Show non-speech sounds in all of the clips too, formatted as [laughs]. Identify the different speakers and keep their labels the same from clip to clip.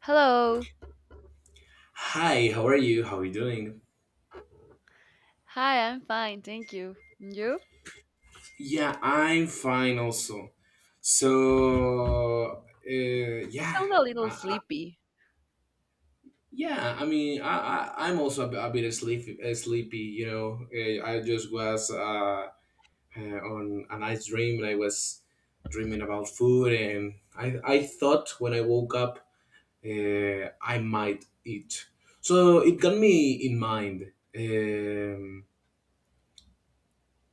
Speaker 1: Hello.
Speaker 2: Hi, how are you? How are you doing?
Speaker 1: Hi, I'm fine, thank you. And you?
Speaker 2: Yeah, I'm fine also. So, uh,
Speaker 1: You
Speaker 2: yeah,
Speaker 1: sound a
Speaker 2: I,
Speaker 1: little
Speaker 2: I,
Speaker 1: sleepy.
Speaker 2: yeah. I mean, I'm also a, a bit sleepy. Sleepy. I just was on a nice dream, and I was dreaming about food, and I thought when I woke up, I might eat. So it got me in mind.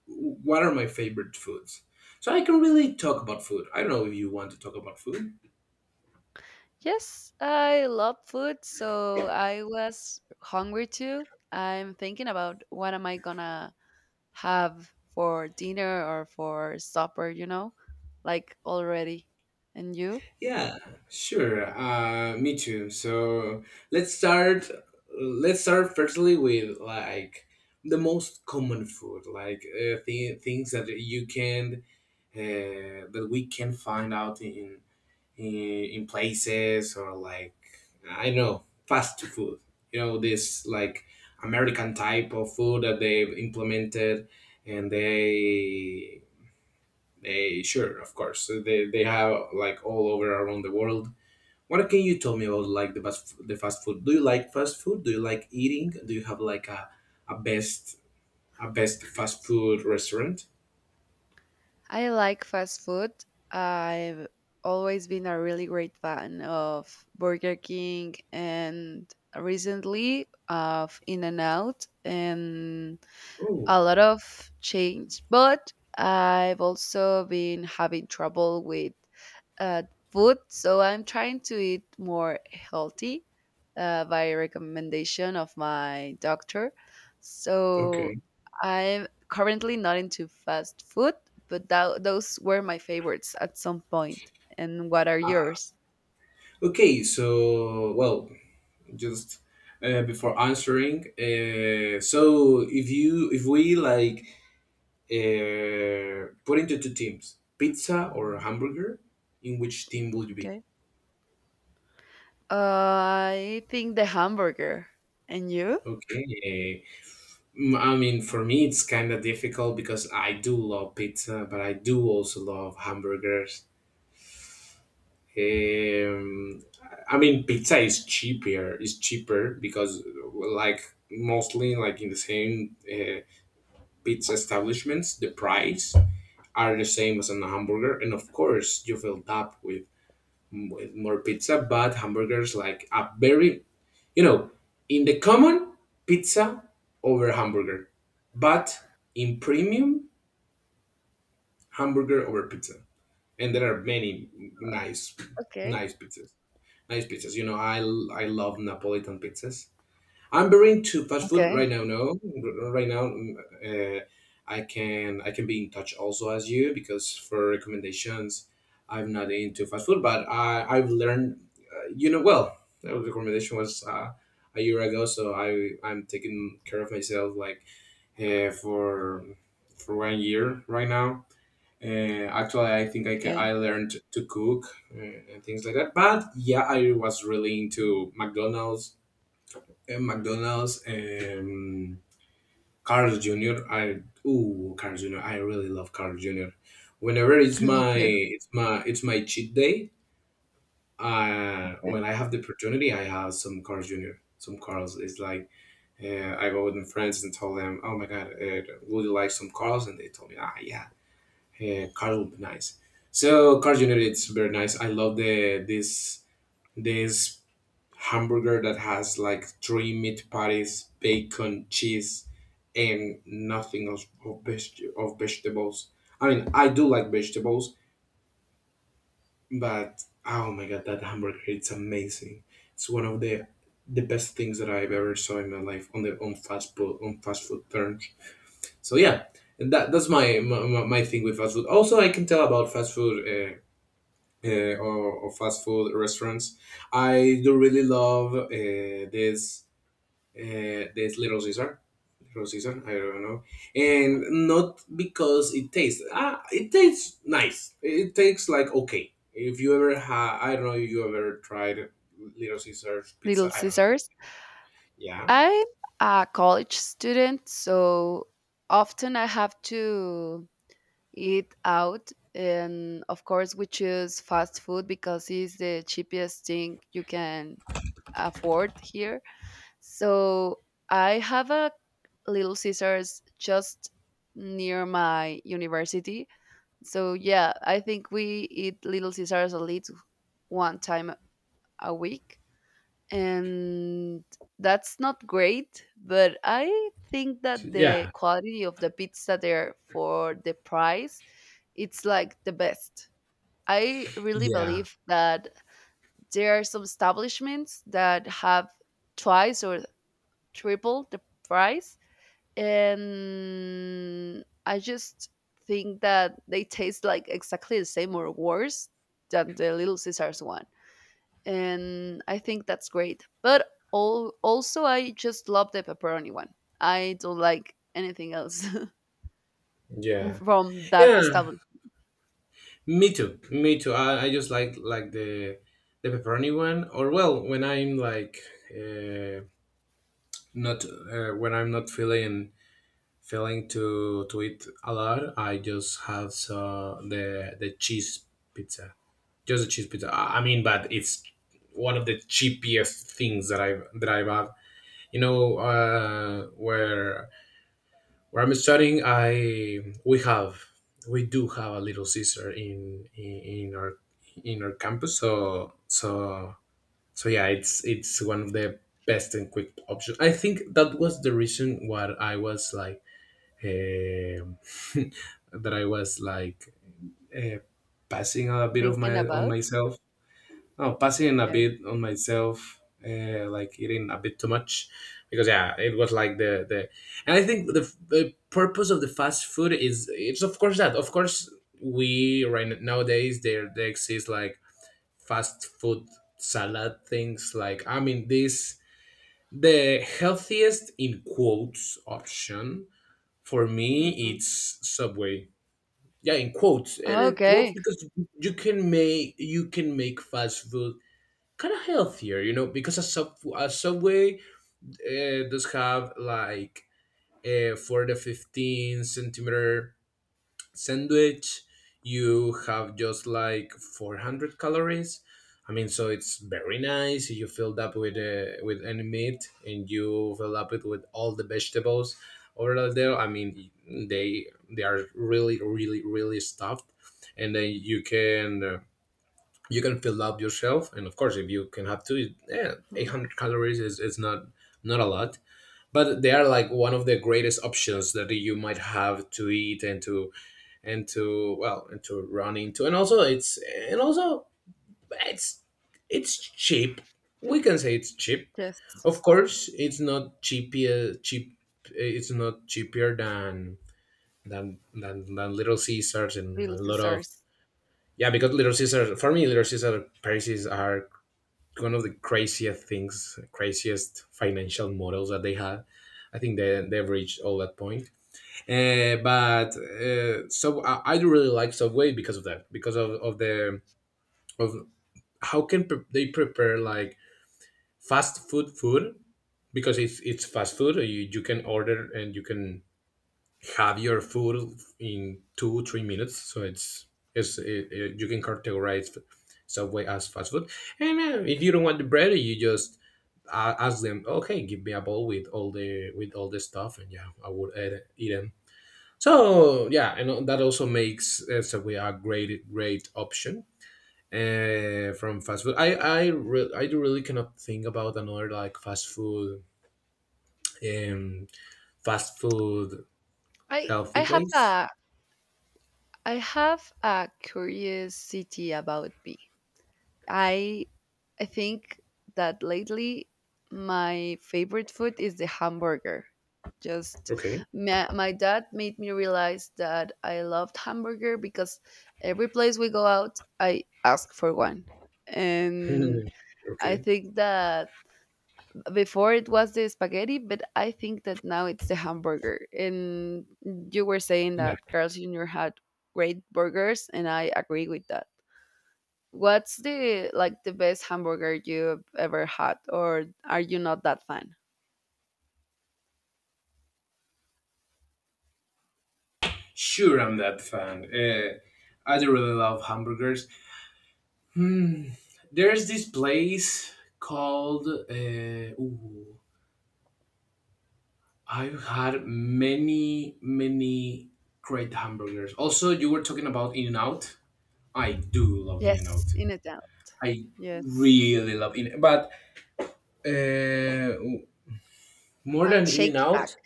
Speaker 2: What are my favorite foods? So I can really talk about food. I don't know if you want to talk about food.
Speaker 1: Yes, I love food, so I was hungry too. I'm thinking about what am I gonna have for dinner or for supper, you know? Like already. And you?
Speaker 2: Yeah, sure. Me too. So let's start. Let's start firstly with like the most common food, like things that you can that we can find out in places or like I don't know, fast food. You know, this like American type of food that they've implemented, and they sure, of course they have, like, all over around the world. What can you tell me about, like, the fast food? Do you like fast food? Do you like eating? Do you have like a a best best fast food restaurant?
Speaker 1: I like fast food. I've always been a really great fan of Burger King and recently of In-N-Out and
Speaker 2: Oh,
Speaker 1: a lot of change, but I've also been having trouble with uh, food, so I'm trying to eat more healthy by recommendation of my doctor. So
Speaker 2: okay.
Speaker 1: I'm currently not into fast food, but those were my favorites at some point. And what are yours?
Speaker 2: Okay, so well, just before answering, so if you if we like put into two teams, pizza or hamburger, in which team would you be?
Speaker 1: Okay. I think the hamburger. And you?
Speaker 2: Okay. Mm, I mean, for me it's kind of difficult because I do love pizza, but I do also love hamburgers. um, I mean, pizza is cheaper because, like, mostly like in the same pizza establishments the price are the same as on a hamburger, and of course you fill up with more pizza. But hamburgers, like a very, you know, in the common, pizza over hamburger, but in premium, hamburger over pizza, and there are many nice
Speaker 1: Okay.
Speaker 2: pizzas. Nice pizzas. You know, I love Napolitan pizzas. I'm very into fast food
Speaker 1: Okay.
Speaker 2: right now. No, right now, mm, uh, I can be in touch also as you, because for recommendations, I'm not into fast food, but I I've learned, uh, you know, well, that the recommendation was a year ago, so I I'm taking care of myself like uh, for for 1 year right now. Actually, I think I
Speaker 1: Okay.
Speaker 2: learned to cook and things like that. But yeah, I was really into McDonald's and Carl's Jr. I ooh, Carl's Jr. I really love Carl's Jr. Whenever
Speaker 1: [laughs] Me too.
Speaker 2: it's my cheat day, when
Speaker 1: Okay.
Speaker 2: I have the opportunity, I have some Carl's Jr. Some Carl's. It's like, I go with my friends and tell them, oh my god, would you like some Carl's? And they told me, ah yeah, Carl would be nice. So Carl's Jr. It's very nice. I love the this this hamburger that has like three meat patties, bacon, cheese, and nothing of vegetables. I mean, I do like vegetables, but oh my god, that hamburger! It's amazing. It's one of the best things that I've ever saw in my life on the on fast food terms. So yeah, and that's my thing with fast food. Also, I can tell about fast food. Or fast food restaurants. I do really love, this this Little Caesar. Little Caesar, I don't know. And not because it tastes, ah, it tastes nice. It tastes like okay. If you ever ha I don't know if you ever tried Little Caesar's pizza.
Speaker 1: Little
Speaker 2: I don't know if you,
Speaker 1: Scissors.
Speaker 2: yeah.
Speaker 1: I'm a college student, so often I have to eat out. And of course, we choose fast food because it's the cheapest thing you can afford here. So I have a Little Scissors just near my university. So yeah, I think we eat Little Scissors at least one time a week. And that's not great, but I think that the
Speaker 2: Yeah,
Speaker 1: quality of the pizza there for the price, it's like the best. I really
Speaker 2: yeah,
Speaker 1: believe that there are some establishments that have twice or triple the price, and I just think that they taste like exactly the same or worse than the little caesars one, and I think that's great. But also, I just love the pepperoni one. I don't like anything else [laughs]
Speaker 2: yeah,
Speaker 1: from that
Speaker 2: yeah.
Speaker 1: establishment.
Speaker 2: Me too. Me too. I just like the pepperoni one, or well, when I'm like, uh, not when I'm not feeling Failing to eat a lot, I just have so the cheese pizza, just a cheese pizza. I mean, but it's one of the cheapest things that I've had. You know, where I'm studying, I we have we do have a little Caesar in our campus. So yeah, it's one of the best and quick options. I think that was the reason why I was like um [laughs] that I was like uh, passing a bit of
Speaker 1: Thinking
Speaker 2: my on
Speaker 1: about
Speaker 2: myself. No, passing a
Speaker 1: yes.
Speaker 2: bit on myself, like eating a bit too much, because yeah, it was like the, and I think the purpose of the fast food is, it's of course that, of course we right nowadays there exists like fast food salad things like, I mean, this, the healthiest in quotes option for me,
Speaker 1: Hmm.
Speaker 2: it's Subway. Yeah, in quotes, and in quotes
Speaker 1: Okay.
Speaker 2: because you can make fast food kind of healthier, you know, because a sub a Subway does have like, 4 to 15 centimeter sandwich, you have just like 400 calories. I mean, so it's very nice. You filled up with any meat and you fill up it with all the vegetables over there. I mean, they they are really really really stuffed, and then you can fill up yourself, and of course if you can have two, yeah,
Speaker 1: Mm.
Speaker 2: 800 calories is not not a lot. But they are like one of the greatest options that you might have to eat and to and to, well, and to run into, and also it's it's cheap. We can say it's cheap.
Speaker 1: Yes.
Speaker 2: Of course, it's not cheap. It's not cheaper than than Little Caesars and
Speaker 1: Little
Speaker 2: a lot of,
Speaker 1: desserts.
Speaker 2: yeah, because Little Caesars, for me Little Caesars, prices are one of the craziest things craziest financial models that they have. I think they've reached all that point. But So I do really like Subway because of that, because of the of how they prepare like fast food food, because it's fast food. You can order and you can have your food in 2 3 minutes. So you can categorize Subway as fast food. And if you don't want the bread, you just ask them. Okay, give me a bowl with all the stuff, and yeah, I would eat it. So yeah, and that also makes, Subway a great great option from fast food. I really cannot think about another like fast food, um fast food
Speaker 1: I
Speaker 2: healthy
Speaker 1: I have
Speaker 2: place.
Speaker 1: a I have a curiosity about me. I I think that lately my favorite food is the hamburger. Just
Speaker 2: Okay.
Speaker 1: my dad made me realize that I loved hamburger because every place we go out, I ask for one. And
Speaker 2: [laughs]
Speaker 1: I
Speaker 2: Okay.
Speaker 1: think that before it was the spaghetti, but I think that now it's the hamburger. And you were saying
Speaker 2: Yeah,
Speaker 1: that Carl's Jr. had great burgers, and I agree with that. What's the like the best hamburger you've ever had, or are you not that fan?
Speaker 2: sure, I'm that fan. I do really love hamburgers. Hmm, there's this place called I've had many, many great hamburgers. Also, you were talking about In and Out. I do love In and
Speaker 1: Yes,
Speaker 2: Out.
Speaker 1: in a doubt.
Speaker 2: I
Speaker 1: Yes,
Speaker 2: really love In, but uh, more than
Speaker 1: and
Speaker 2: In and
Speaker 1: Shake Shack.
Speaker 2: Out,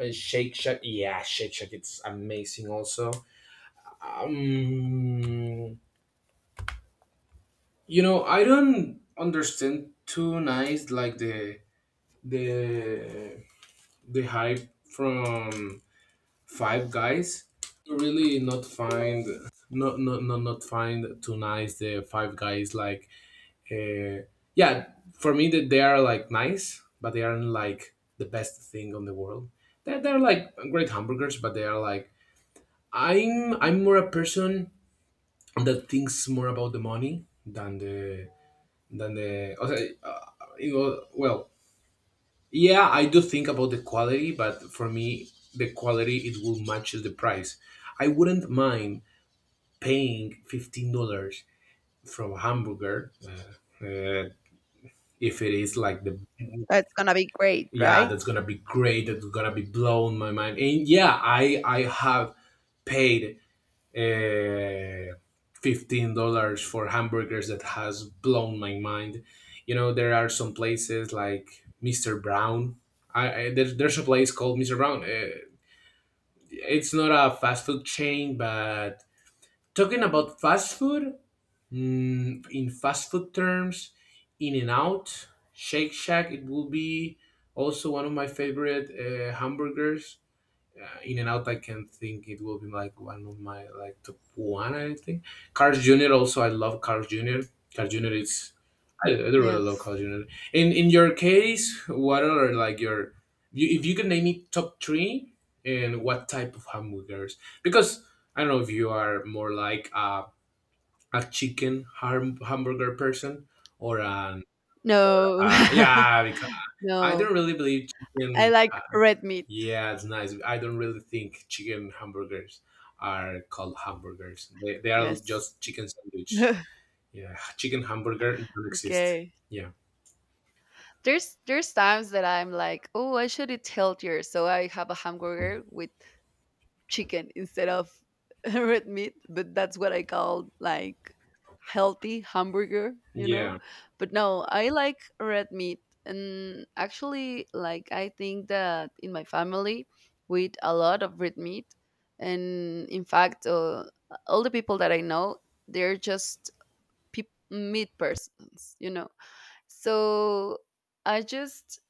Speaker 2: Shake Shack. Yeah, Shake Shack. It's amazing. Also, um, you know, I don't understand too nice like the the hype from Five Guys. Really not find not find too nice the Five Guys, like, uh, yeah, for me, that they are like nice, but they aren't like the best thing on the world. They're like great hamburgers, but they are like, I'm more a person that thinks more about the money than the okay, you know, well yeah, I do think about the quality, but for me the quality it will match the price. I wouldn't mind paying $15 from hamburger. If it is like the,
Speaker 1: That's gonna be great,
Speaker 2: yeah,
Speaker 1: right?
Speaker 2: that's gonna be great. That's gonna be blown my mind. And yeah, I have paid uh, $15 for hamburgers that has blown my mind. You know, there are some places like Mr. Brown. There's a place called Mr. Brown. It's not a fast food chain, but talking about fast food, mm, in fast food terms, In and Out, Shake Shack, it will be also one of my favorite hamburgers. In and Out, I can think it will be like one of my like top one, I think. Carl's Jr. also, I love Carl's Jr. Carl's Jr. is, I do really love
Speaker 1: Yes.
Speaker 2: Carl's Jr. In your case, what are like your, you, if you can name me top three and what type of hamburgers? Because I don't know if you are more like a hamburger person or an,
Speaker 1: No,
Speaker 2: yeah, because
Speaker 1: [laughs]
Speaker 2: I don't
Speaker 1: no.
Speaker 2: really believe
Speaker 1: I
Speaker 2: chicken,
Speaker 1: like red meat.
Speaker 2: yeah, it's nice. I don't really think chicken hamburgers are called hamburgers. They are
Speaker 1: Yes.
Speaker 2: just chicken sandwich.
Speaker 1: [laughs]
Speaker 2: Yeah, chicken hamburger don't exist.
Speaker 1: Okay.
Speaker 2: Yeah.
Speaker 1: There's times that I'm like, oh, I should eat healthier, so I have a hamburger with chicken instead of [laughs] red meat, but that's what I call like healthy hamburger, you know?
Speaker 2: Yeah.
Speaker 1: But no, I like red meat. And actually, like, I think that in my family, we eat a lot of red meat. And in fact, all the people that I know, they're just peop meat persons, you know? So I just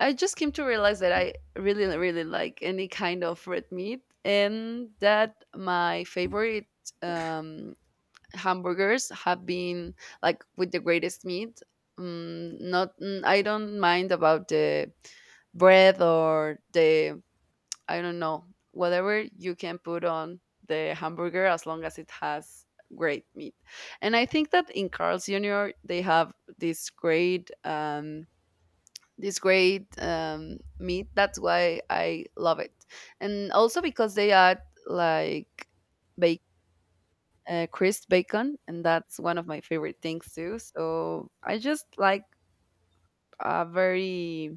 Speaker 1: I just came to realize that I really, really like any kind of red meat, and that my favorite um, hamburgers have been like with the greatest meat. Mm, not, mm, I don't mind about the bread or the I don't know whatever you can put on the hamburger as long as it has great meat. And I think that in Carl's Jr. they have this great um, this great meat. That's why I love it, and also because they add like bacon, crisp bacon, and that's one of my favorite things too. So I just like a very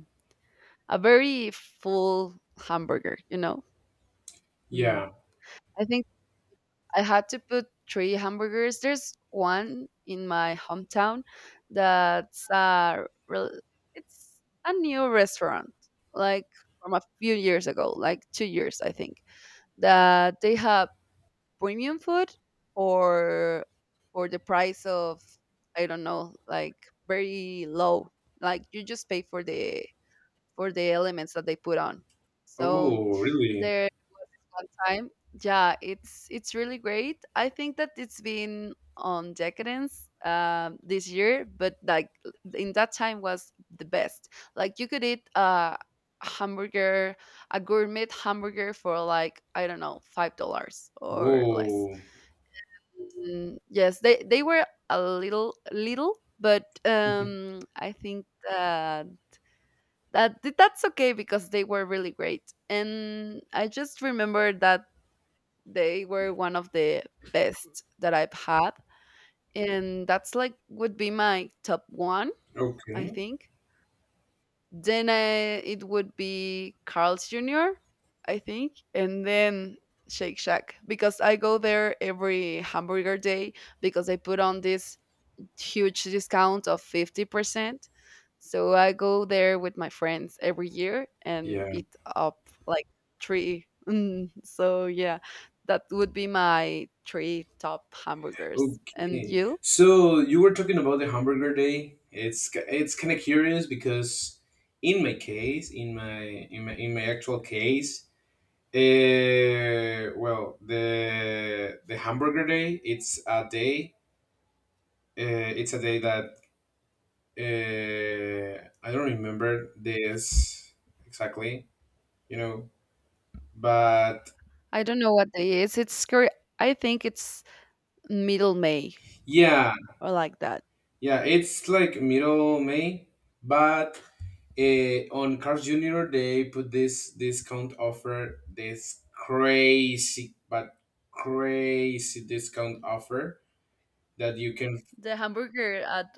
Speaker 1: a very full hamburger. You know, mm.
Speaker 2: Yeah.
Speaker 1: I think I had to put three hamburgers. There's one in my hometown that's rel- it's a new restaurant like from a few years ago, like 2 years I think. That they have premium food for for the price of I don't know, like very low. Like you just pay for the elements that they put on. So
Speaker 2: Oh really.
Speaker 1: there one time. Yeah, it's really great. I think that it's been on decadence this year, but like in that time was the best. Like you could eat a hamburger, a gourmet hamburger for like I don't know $5 or less.
Speaker 2: Whoa.
Speaker 1: Mm, yes, they were a little little, but
Speaker 2: [laughs]
Speaker 1: I think that that that's okay because they were really great. And I just remember that they were one of the best that I've had. And that's like would be my top one, I
Speaker 2: Okay.
Speaker 1: think. Then I, it would be Carl's Jr., I think. And then Shake Shack because I go there every hamburger day because I put on this huge discount of 50%. So I go there with my friends every year and
Speaker 2: Yeah.
Speaker 1: eat up like three. [laughs] Mm, so yeah, that would be my three top hamburgers. And
Speaker 2: Okay,
Speaker 1: you?
Speaker 2: so you were talking about the hamburger day. It's kind of curious because in my case, in my actual case, well, the hamburger day. It's a day. Uh, it's a day that I don't remember this exactly. You know, but
Speaker 1: I don't know what day is. It's cur- I think it's middle May
Speaker 2: yeah,
Speaker 1: or like that.
Speaker 2: yeah, it's like middle May, but on Cars Junior, they put this discount offer, this crazy but crazy discount offer that you can
Speaker 1: The hamburger at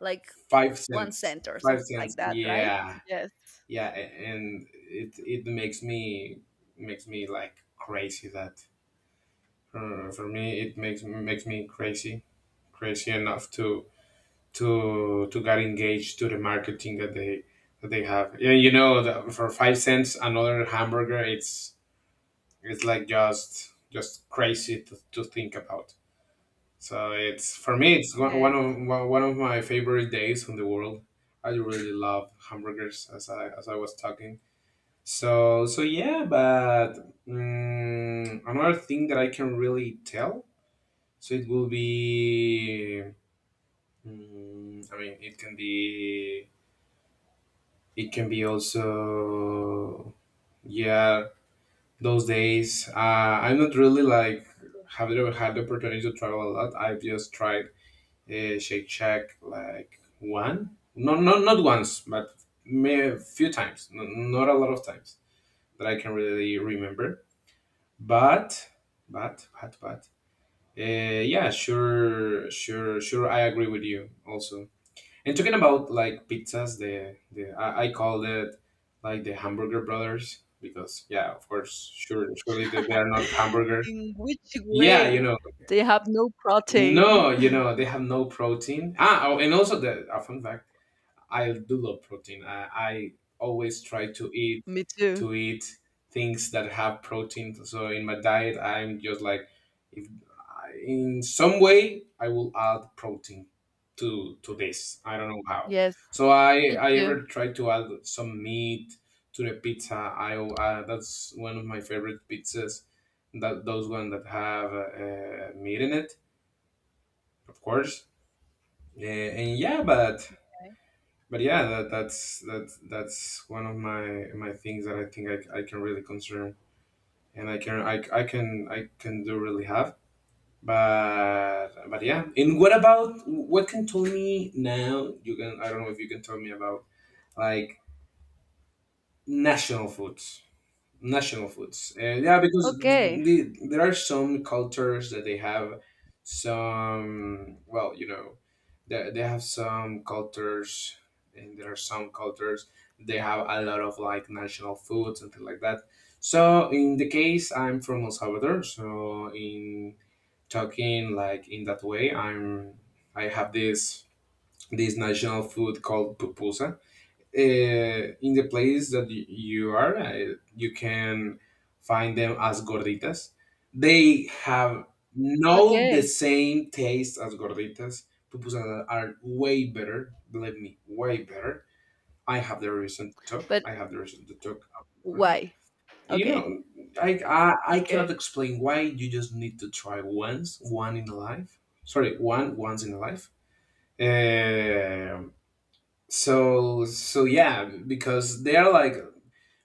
Speaker 1: like
Speaker 2: five
Speaker 1: one
Speaker 2: cents,
Speaker 1: cent or
Speaker 2: five
Speaker 1: something
Speaker 2: cents.
Speaker 1: like that, right?
Speaker 2: Yeah,
Speaker 1: Yes,
Speaker 2: yeah, and it makes me like crazy that for me it makes me crazy, crazy enough to get engaged to the marketing that they have. Yeah, for 5 cents, another hamburger. It's like just crazy to think about. So it's for me, it's one one
Speaker 1: yes.
Speaker 2: of one one of my favorite days in the world. I really love hamburgers, as I was talking. So yeah, but another thing that I can really tell. So it will be. I mean, it can be. It can be also. Yeah, those days. I'm not really like have you ever had the opportunity to travel a lot. I've just tried Shake Shack like one, no, no, not once, but may a few times, no, not a lot of times that I can really remember. But, but, uh, yeah, sure, sure, sure. I agree with you also. And talking about like pizzas, the I called it like the hamburger brothers because yeah, of course, sure, surely they are not
Speaker 1: [laughs]
Speaker 2: hamburger,
Speaker 1: In which
Speaker 2: yeah,
Speaker 1: way? They have no protein.
Speaker 2: no, they have no protein. Ah, oh, and also the a fun fact, I do love protein. I always try to eat
Speaker 1: [laughs] Me too.
Speaker 2: to eat things that have protein. So in my diet, I'm just like, if I, in some way I will add protein to this. I don't know how.
Speaker 1: Yes,
Speaker 2: So I
Speaker 1: me
Speaker 2: I ever
Speaker 1: too.
Speaker 2: try to add some meat to the pizza. I That's one of my favorite pizzas. That those one that have meat in it, of course, yeah, and yeah but
Speaker 1: Okay.
Speaker 2: but yeah that's one of my things that I think I can really concern and I can do really have, but yeah. And what can tell me now, you can, I don't know if you can tell me about like national foods, national foods. And yeah, because
Speaker 1: Okay,
Speaker 2: there are some cultures that they have some, well, you know, they have some cultures, and there are some cultures, they have a lot of like national foods and things like that. So in the case, I'm from El Salvador, so in talking like in that way, I have this national food called pupusa. In the place that you are, you can find them as gorditas. They have no the
Speaker 1: okay.
Speaker 2: same taste as gorditas. Pupusas are way better. Believe me, way better. I have the reason to talk.
Speaker 1: But
Speaker 2: I have the reason to talk about it.
Speaker 1: why?
Speaker 2: You
Speaker 1: Okay,
Speaker 2: know, I cannot
Speaker 1: okay.
Speaker 2: explain why, you just need to try once, one in a life. Sorry, one once in a life. Um so yeah, because they are like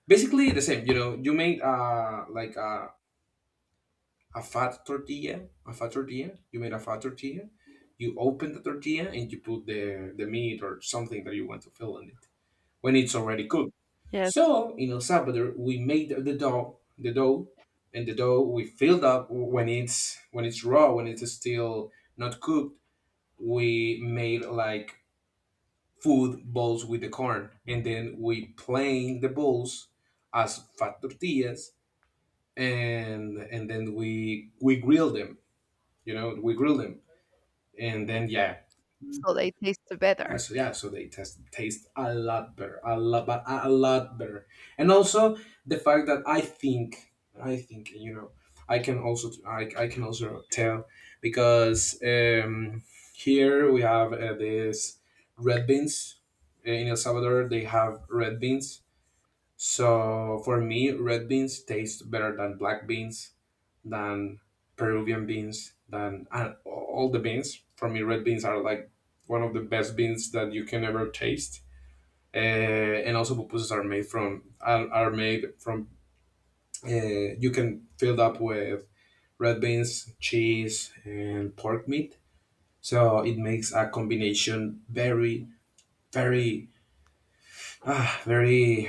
Speaker 2: basically the same. You know, you made like a fat tortilla, a fat tortilla. You made a fat tortilla. You open the tortilla and you put the meat or something that you want to fill in it when it's already cooked.
Speaker 1: Yes.
Speaker 2: So in El Salvador, we made the dough, and the dough we filled up when it's raw, when it's still not cooked. We made like food balls with the corn, and then we plane the balls as fat tortillas, and then we grill them. You know, we grill them, and then yeah,
Speaker 1: So they taste
Speaker 2: yeah.
Speaker 1: better.
Speaker 2: So yeah, so they taste a lot better, a lot, but a lot better. And also the fact that I think, you know, I can also tell, because here we have this red beans. In El Salvador, they have red beans. So for me, red beans taste better than black beans, than Peruvian beans, than and all the beans. For me, red beans are like one of the best beans that you can ever taste. Uh, and also pupusas are made from, you can fill it up with red beans, cheese, and pork meat. So it makes a combination very, very, very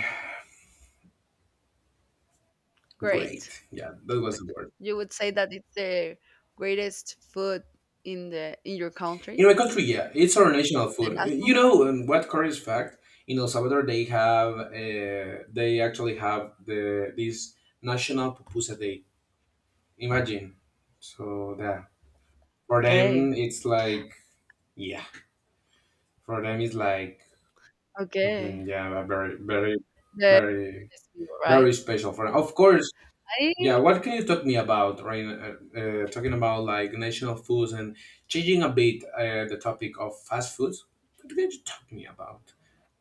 Speaker 1: Great.
Speaker 2: great. Yeah, that was
Speaker 1: Like
Speaker 2: the word.
Speaker 1: you would say that it's the greatest food in the in your country,
Speaker 2: In my country, yeah, it's our national
Speaker 1: the
Speaker 2: food.
Speaker 1: national
Speaker 2: You
Speaker 1: food?
Speaker 2: know, what curious fact? In El Salvador, they actually have the this National Pupusa Day. Imagine, so that for
Speaker 1: Okay,
Speaker 2: them it's like yeah, for them it's like mhm,
Speaker 1: okay.
Speaker 2: yeah, very very
Speaker 1: The
Speaker 2: very
Speaker 1: greatest meal, right?
Speaker 2: very special for them. Of course. Yeah,
Speaker 1: I
Speaker 2: what can you talk me about, right? Uh, talking about like national foods and changing a bit the topic of fast foods. What can you talk me about?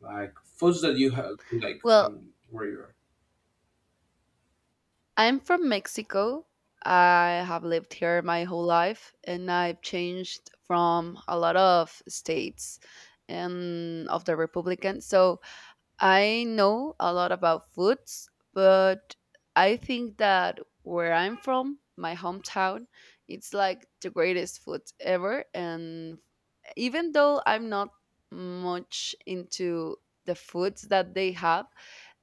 Speaker 2: Like foods that you have, like from
Speaker 1: well
Speaker 2: where you are.
Speaker 1: I'm from Mexico. I have lived here my whole life and I've changed from a lot of states and of the Republican. So I know a lot about foods, but I think that where I'm from, my hometown, it's like the greatest food ever. And even though I'm not much into the foods that they have,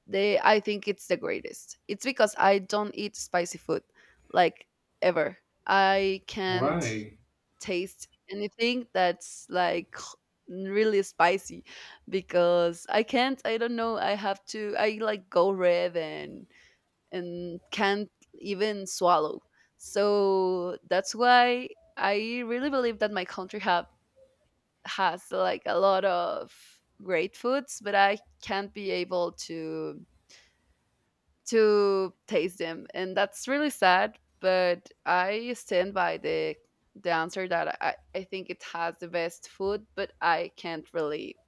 Speaker 1: they, I think it's the greatest. It's because I don't eat spicy food like ever. I can't
Speaker 2: Why?
Speaker 1: taste anything that's like [laughs] [sniffs] really spicy because I can't. I don't know. I have to. I like go red and can't even swallow. So that's why I really believe that my country have has like a lot of great foods, but I can't be able to taste them, and that's really sad. But I stand by the answer that I think it has the best food, but I can't really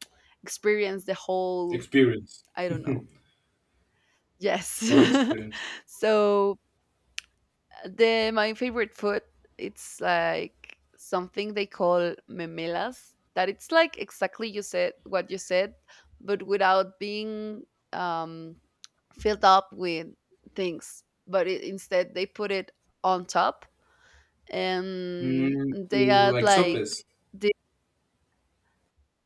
Speaker 1: experience the whole
Speaker 2: Experience.
Speaker 1: I don't know
Speaker 2: [laughs]
Speaker 1: yes.
Speaker 2: All experience.
Speaker 1: [laughs] So the my favorite food, it's like something they call memelas that it's like exactly you said what you said but without being um filled up with things, but instead they put it on top and
Speaker 2: Mm,
Speaker 1: they add
Speaker 2: like
Speaker 1: like
Speaker 2: sopes.
Speaker 1: the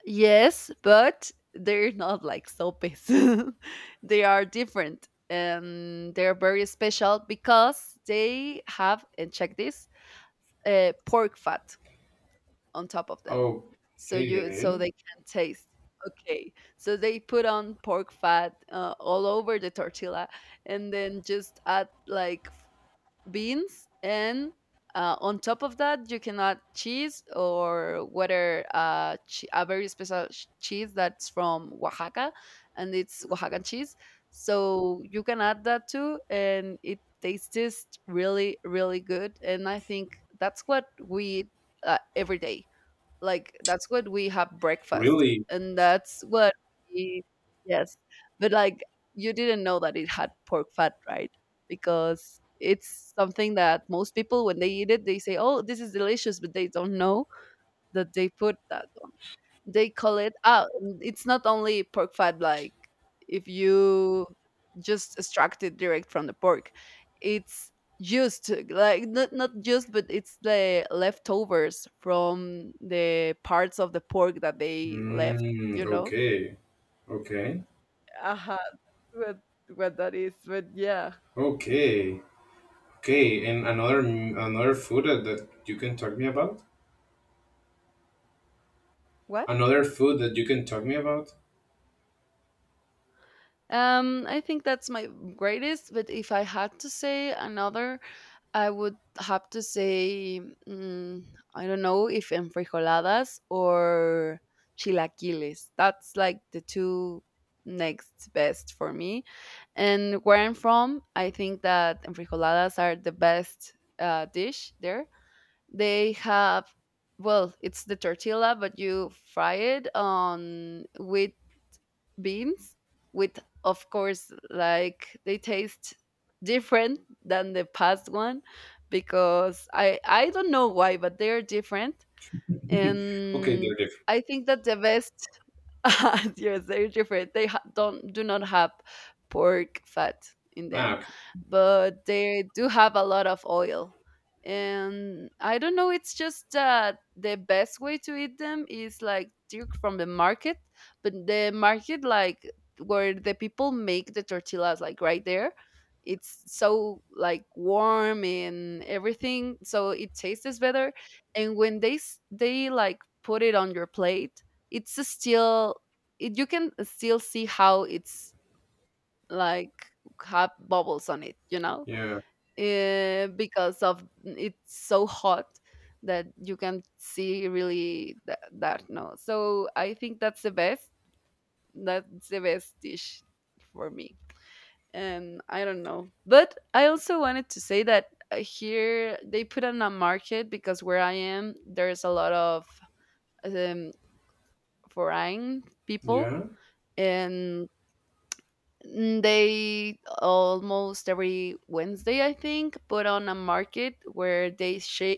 Speaker 1: yes, but they're [laughs] not like sopes. [laughs] They are different, and they're very special because they have and check this pork fat on top of them, so you so
Speaker 2: Okay.
Speaker 1: they can taste. Okay, so they put on pork fat all over the tortilla, and then just add like beans and on top of that you can add cheese or whether a very special sh- cheese that's from Oaxaca, and it's Oaxacan cheese, so you can add that too and it tastes just really really good. And I think that's what we eat every day. Like, that's what we have breakfast,
Speaker 2: Really?
Speaker 1: and that's what we yes. But, like, you didn't know that it had pork fat, right? Because it's something that most people, when they eat it, they say, "Oh, this is delicious," but they don't know that they put that on. They call it out. It's not only pork fat, like if you just extract it direct from the pork, it's used like not not used, but it's the leftovers from the parts of the pork that they left.
Speaker 2: Mm,
Speaker 1: You know.
Speaker 2: okay. Okay.
Speaker 1: Uh-huh. What what that is, but yeah.
Speaker 2: Okay. Okay. And another food that you can talk me about?
Speaker 1: What?
Speaker 2: Another food that you can talk me about?
Speaker 1: I think that's my greatest. But if I had to say another, I would have to say, mm, I don't know if enfrijoladas or chilaquiles. That's like the two next best for me. And where I'm from, I think that enfrijoladas are the best dish there. They have, well, it's the tortilla, but you fry it on wheat beans with of course like they taste different than the past one because I don't know why but they're different.
Speaker 2: Okay, they're
Speaker 1: And I
Speaker 2: different.
Speaker 1: think that the best [laughs] yes, they're different. They ha- don't do not have pork fat in
Speaker 2: Ah,
Speaker 1: them,
Speaker 2: okay.
Speaker 1: but they do have a lot of oil. And I don't know. It's just that the best way to eat them is like direct from the market, but the market like where the people make the tortillas like right there. It's so like warm and everything, so it tastes better. And when they s- they like put it on your plate, it's still it, you can still see how it's like have bubbles on it, you know,
Speaker 2: Yeah,
Speaker 1: because of it's so hot that you can see really that, that no. So I think that's the best, that's the best dish for me. And I don't know, but I also wanted to say that here they put on a market because where I am there's a lot of um, foreign people,
Speaker 2: yeah,
Speaker 1: and mm, they almost every Wednesday, I think, put on a market where they share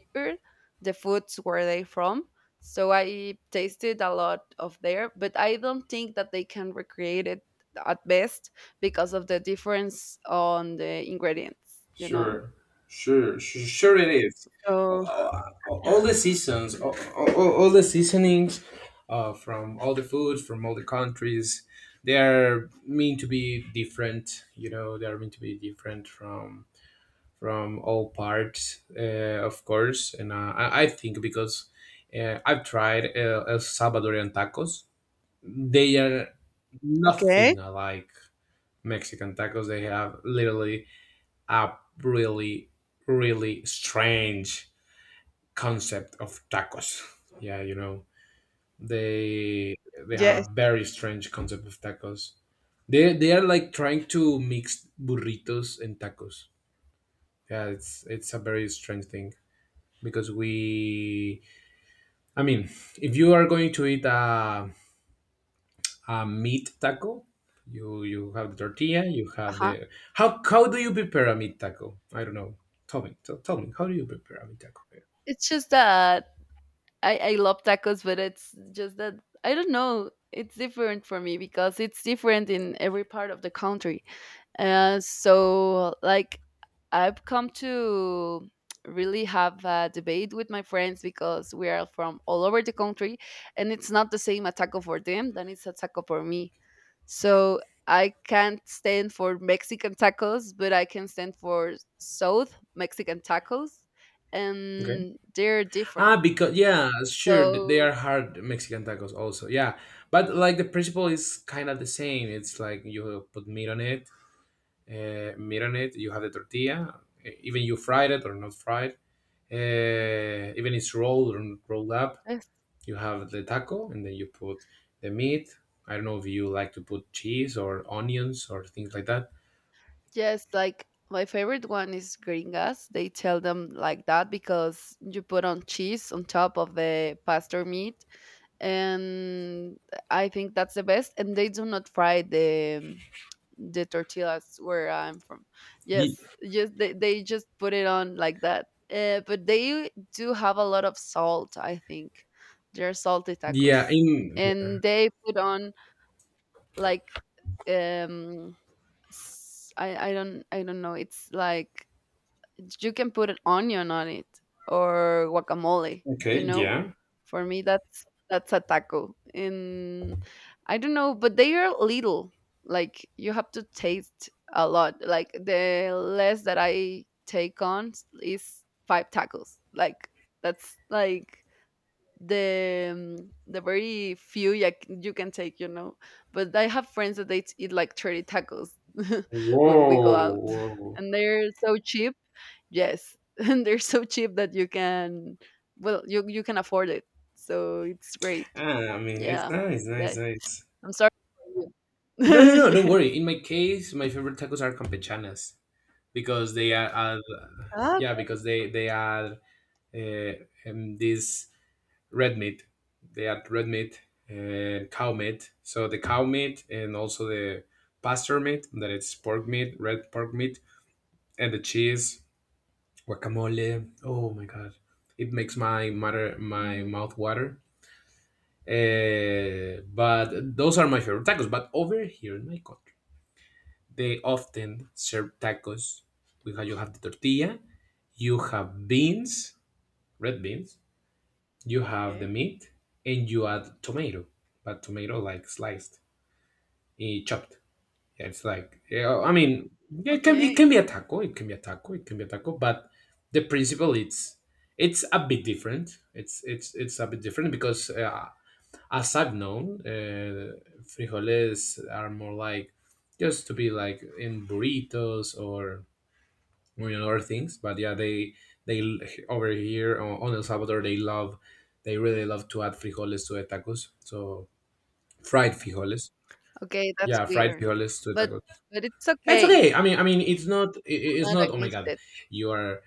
Speaker 1: the foods where they from. So I tasted a lot of there, but I don't think that they can recreate it at best because of the difference on the ingredients, you know?
Speaker 2: sure, sure, it is.
Speaker 1: So,
Speaker 2: All, all the
Speaker 1: [sighs]
Speaker 2: seasons, all,
Speaker 1: yes.
Speaker 2: all, all the seasonings, from all the foods, from all the countries, they are meant to be different, you know. They are meant to be different from all parts, of course. And I think because I've tried El Salvadorian tacos, they are
Speaker 1: Okay.
Speaker 2: nothing like Mexican tacos. They have literally a really, really strange concept of tacos. Yeah, you know, they they have
Speaker 1: Yes.
Speaker 2: a very strange concept of tacos. They are like trying to mix burritos and tacos. Yeah, it's a very strange thing because I mean, if you are going to eat a meat taco. You have the tortilla. You have
Speaker 1: Uh-huh.
Speaker 2: the How do you prepare a meat taco? I don't know. Tell me. Tell me. How do you prepare a meat taco?
Speaker 1: It's just that I love tacos, but it's just that I don't know. It's different for me because it's different in every part of the country. So like I've come to really have a debate with my friends because we are from all over the country, and it's not the same a taco for them than it's a taco for me. So I can't stand for Mexican tacos, but I can stand for South Mexican tacos,
Speaker 2: Okay.
Speaker 1: and they're
Speaker 2: Ah,
Speaker 1: different.
Speaker 2: because yeah, sure, they
Speaker 1: So
Speaker 2: are hard Mexican tacos also. Yeah, but like the principle is kind of the same. It's like you put meat on it. You have the tortilla, even you fried it or not fried, even it's rolled or rolled up.
Speaker 1: yes,
Speaker 2: You have the taco, and then you put the meat. I don't know if you like to put cheese or onions or things like that.
Speaker 1: yes, like my favorite one is gringas. They tell them like that because you put on cheese on top of the pastor meat, and I think that's the best. And they do not fry the tortillas where I'm from.
Speaker 2: Ye-
Speaker 1: Yes, yes, they just put it on like that. But they do have a lot of salt. I think they're salty
Speaker 2: Yeah,
Speaker 1: tacos,
Speaker 2: in yeah.
Speaker 1: and they put on like um I don't know. It's like you can put an onion on it or guacamole. You
Speaker 2: Okay,
Speaker 1: know,
Speaker 2: yeah.
Speaker 1: for me that's a taco. And I don't know, but they are little. Like you have to taste a lot. Like the less that I take on is five tacos. Like that's like the very few you can take. But I have friends that they eat like 30 tacos [laughs] when we go
Speaker 2: Whoa,
Speaker 1: out, [laughs]
Speaker 2: whoa.
Speaker 1: and they're so cheap. Yes, [laughs] and they're so cheap that you can, well, you can afford it. So it's great.
Speaker 2: Ah, I mean, it's
Speaker 1: Yeah,
Speaker 2: nice, nice,
Speaker 1: that,
Speaker 2: nice.
Speaker 1: I'm sorry. For you. [laughs]
Speaker 2: No, no, no, don't
Speaker 1: Yes.
Speaker 2: worry. In my case, my favorite tacos are campechanas because they are
Speaker 1: Ah.
Speaker 2: yeah, because they are uh, this red meat. They add red meat and cow meat. So the cow meat and also the pasture meat, that it's pork meat, red pork meat, and the cheese, guacamole. Oh my god, it makes my
Speaker 1: Mhm.
Speaker 2: mouth water. But those are my favorite tacos. But over here in my country, they often serve tacos. You have the tortilla, you have beans, red beans. You have the
Speaker 1: Okay.
Speaker 2: meat, and you add tomato, but tomato like sliced, chopped. Yeah, it's like yeah, I mean, it
Speaker 1: Okay.
Speaker 2: can be a taco, it can be a taco, it can be a taco, but the principle it's a bit different. It's a bit different because as I've known, frijoles are more like just to be like in burritos or you other things. But yeah, they l- over here on El Salvador, they really love to add frijoles to the tacos. So fried frijoles.
Speaker 1: Okay, that's
Speaker 2: Yeah, fried
Speaker 1: weird,
Speaker 2: frijoles to the tacos.
Speaker 1: but it's
Speaker 2: That's
Speaker 1: okay.
Speaker 2: okay. I mean, it's not,
Speaker 1: I'm
Speaker 2: it's
Speaker 1: not
Speaker 2: not. Oh my
Speaker 1: against
Speaker 2: god,
Speaker 1: it.
Speaker 2: you are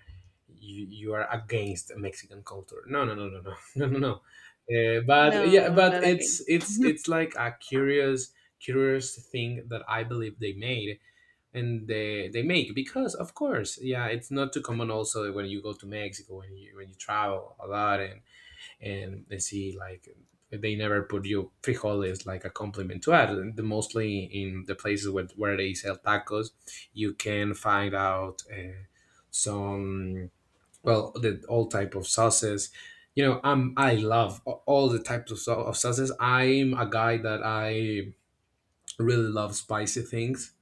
Speaker 2: you, you are against Mexican culture. No, no, no, no, no, [laughs] no, no, no. But
Speaker 1: No,
Speaker 2: yeah,
Speaker 1: I'm
Speaker 2: but
Speaker 1: not against.
Speaker 2: it's like a curious thing that I believe they made, and they make, because of course, yeah, it's not too common. Also, when you go to Mexico, when you travel a lot, and they see like, they never put you frijoles like a compliment to add. And mostly in the places where they sell tacos, you can find out some, well, the all type of sauces, you know. I love all the types of sauces. I'm a guy that I really love spicy things,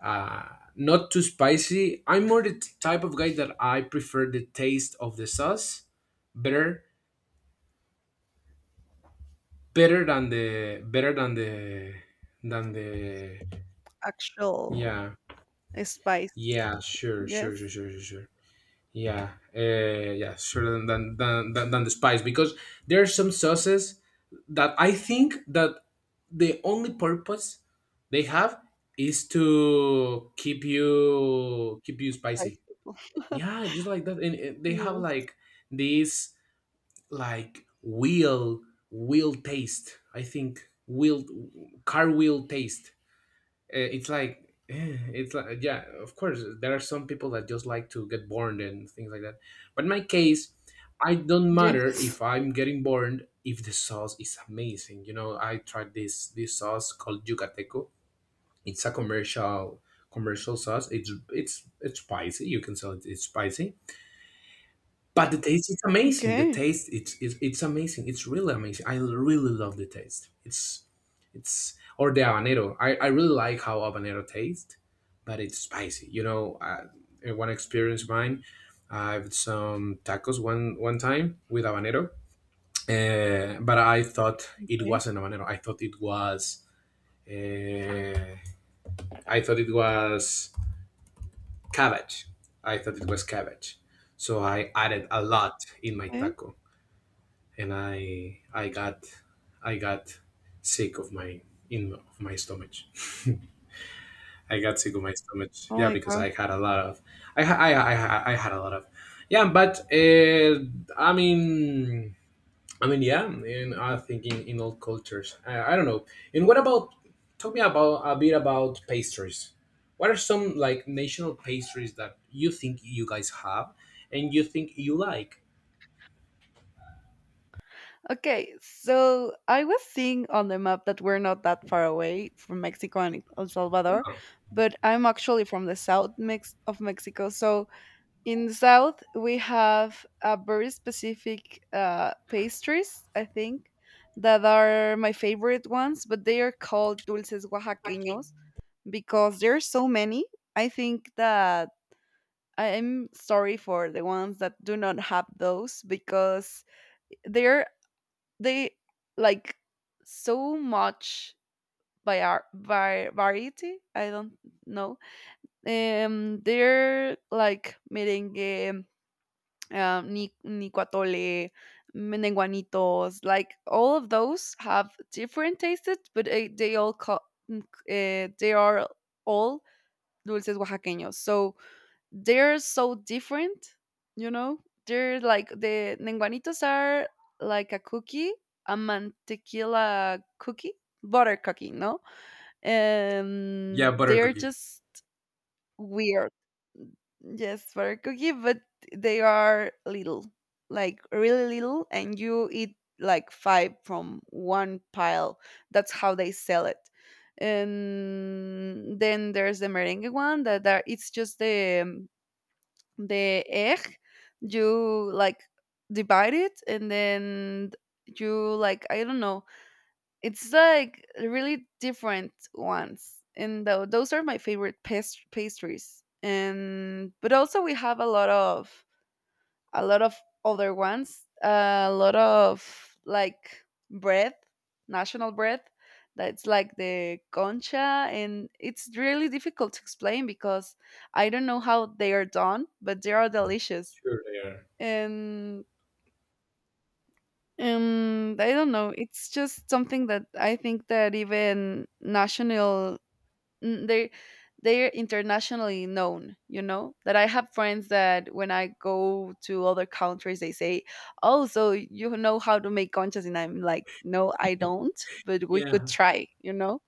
Speaker 2: uh, not too spicy. I'm more the type of guy that I prefer the taste of the sauce better better than the,
Speaker 1: Actual
Speaker 2: yeah,
Speaker 1: spice.
Speaker 2: yeah, sure, sure, sure,
Speaker 1: Yes.
Speaker 2: sure, sure, sure, yeah, yeah, sure, than the spice, because there are some sauces that I think that the only purpose they have is to keep you
Speaker 1: Spice
Speaker 2: spicy.
Speaker 1: people.
Speaker 2: Yeah, just like that. And they have
Speaker 1: Yes.
Speaker 2: like this like wheel taste. I think wheel car wheel taste. It's like it's like yeah. Of course, there are some people that just like to get burned and things like that. But in my case, I don't matter
Speaker 1: Yes.
Speaker 2: if
Speaker 1: [laughs]
Speaker 2: I'm getting burned if the sauce is amazing. You know, I tried this sauce called yucateco. It's a commercial sauce. It's spicy. You can tell it, it's spicy, but the taste is amazing. The
Speaker 1: Okay.
Speaker 2: taste, it's amazing. It's really amazing. I really love the taste. It's or the habanero. I really like how habanero tastes, but it's spicy. You know, one experience of mine, I had some tacos one time with habanero, but I thought it
Speaker 1: Okay.
Speaker 2: wasn't habanero. Uh, I thought it was cabbage. I thought it was cabbage. So I added a lot in my
Speaker 1: Okay.
Speaker 2: taco, and I got sick of my stomach. I got sick of my stomach.
Speaker 1: Oh
Speaker 2: Yeah,
Speaker 1: my
Speaker 2: because
Speaker 1: god.
Speaker 2: I had a lot of I ha- I, I had a lot of, yeah. But I mean I mean, yeah. And I think in all cultures, I don't know. And what about talk me about a bit about pastries. What are some like national pastries that you think you guys have and you think you like?
Speaker 1: Okay, so I was seeing on the map that we're not that far away from Mexico and El Salvador, but I'm actually from the south mix of Mexico. So in the south we have a very specific pastries, I think, that are my favorite ones, but they are called dulces oaxaqueños because there's so many. I think that I'm sorry for the ones that do not have those because they're they like so much by our by variety. I don't know. They're like merengue, nicuatole, menenguanitos, like all of those have different tastes, but uh, they are all dulces oaxaqueños. So they're so different, you know? They're like the Nenguanitos are like a cookie, a mantequilla cookie, butter cookie, no?
Speaker 2: Yeah, butter
Speaker 1: They're
Speaker 2: cookie.
Speaker 1: just weird. Yes, butter cookie, but they are little. Like really little and you eat like five from one pile. That's how they sell it. And then there's the merengue one that it's just the egg. You like divide it, and then you like, I don't know, it's like really different ones, and those are my favorite pastries. And but also we have a lot of a lot of other ones, a lot of like bread, national bread, that's like the concha, and it's really difficult to explain because I don't know how they are done, but they are delicious.
Speaker 2: Sure, they are.
Speaker 1: And I don't know, it's just something that I think that even national n- they they're internationally known. You know that I have friends that when I go to other countries they say, oh, so you know how to make conchas, and I'm like, no, I don't, but we could
Speaker 2: Yeah.
Speaker 1: try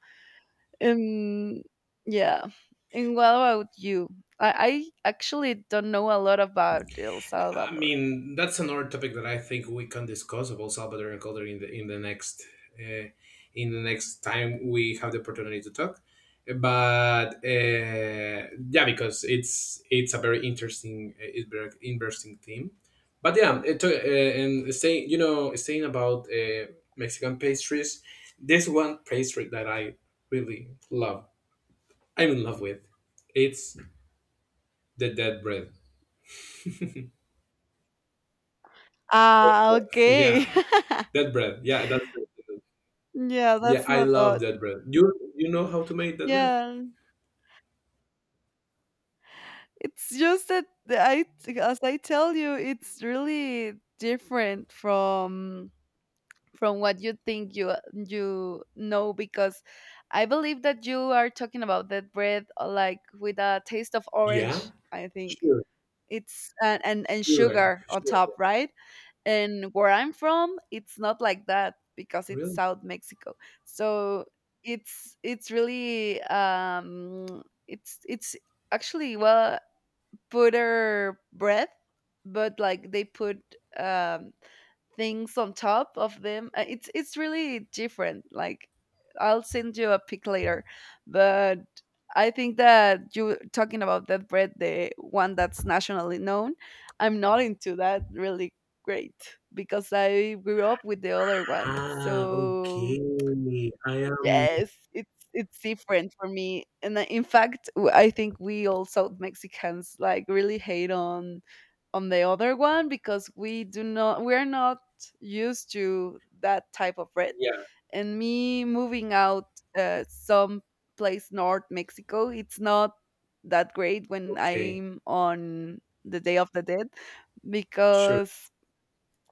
Speaker 1: um yeah. And what about you? I actually don't know a lot about el
Speaker 2: I
Speaker 1: salvador.
Speaker 2: mean, that's another topic that I think we can discuss about Salvadoran culture in the uh, in the next time we have the opportunity to talk. But yeah, because it's a very interesting, it's very interesting theme. But yeah, and saying, about Mexican pastries, there's one pastry that I really love. I'm in love with. It's the dead bread.
Speaker 1: Ah,
Speaker 2: [laughs]
Speaker 1: okay.
Speaker 2: Yeah,
Speaker 1: [laughs]
Speaker 2: dead bread. Yeah, that's it.
Speaker 1: Yeah,
Speaker 2: Yeah,
Speaker 1: that's
Speaker 2: I
Speaker 1: not
Speaker 2: love
Speaker 1: odd.
Speaker 2: that bread. You know how to make that bread?
Speaker 1: Yeah, it's just that the I, as I tell you, it's really different from what you think because I believe that you are talking about that bread like with a taste of
Speaker 2: Yeah.
Speaker 1: orange, I think.
Speaker 2: Sure,
Speaker 1: It's, and
Speaker 2: sure,
Speaker 1: sugar on
Speaker 2: sure. Yeah.
Speaker 1: top, right? And where I'm from, it's not like that because it's
Speaker 2: Really?
Speaker 1: South Mexico. So it's really, it's actually, well, butter bread, but like they put um things on top of them. It's really different. Like I'll send you a pic later, but I think that you talking about that bread, the one that's nationally known, I'm not into that really great because I grew up with the other one.
Speaker 2: Ah,
Speaker 1: So
Speaker 2: okay. I am.
Speaker 1: yes, it's different for me. And in fact, I think we all South Mexicans like really hate on the other one because we're not used to that type of bread.
Speaker 2: Yeah.
Speaker 1: And me moving out some place north Mexico, it's not that great when
Speaker 2: Okay.
Speaker 1: I'm on the Day of the Dead
Speaker 2: Sure.
Speaker 1: because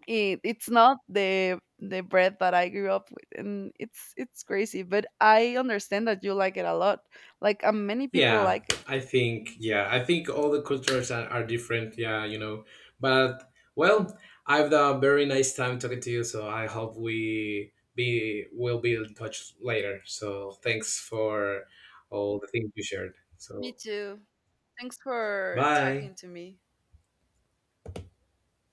Speaker 1: it's not the bread that I grew up with, and it's crazy. But I understand that you like it a lot. Like many people
Speaker 2: Yeah,
Speaker 1: like it.
Speaker 2: I think. Yeah, I think all the cultures are different. Yeah, you know. But well, I've had a very nice time talking to you. So I hope we be will be in touch later. So thanks for all the things you shared.
Speaker 1: Me
Speaker 2: So
Speaker 1: too. Thanks for
Speaker 2: bye.
Speaker 1: talking to me.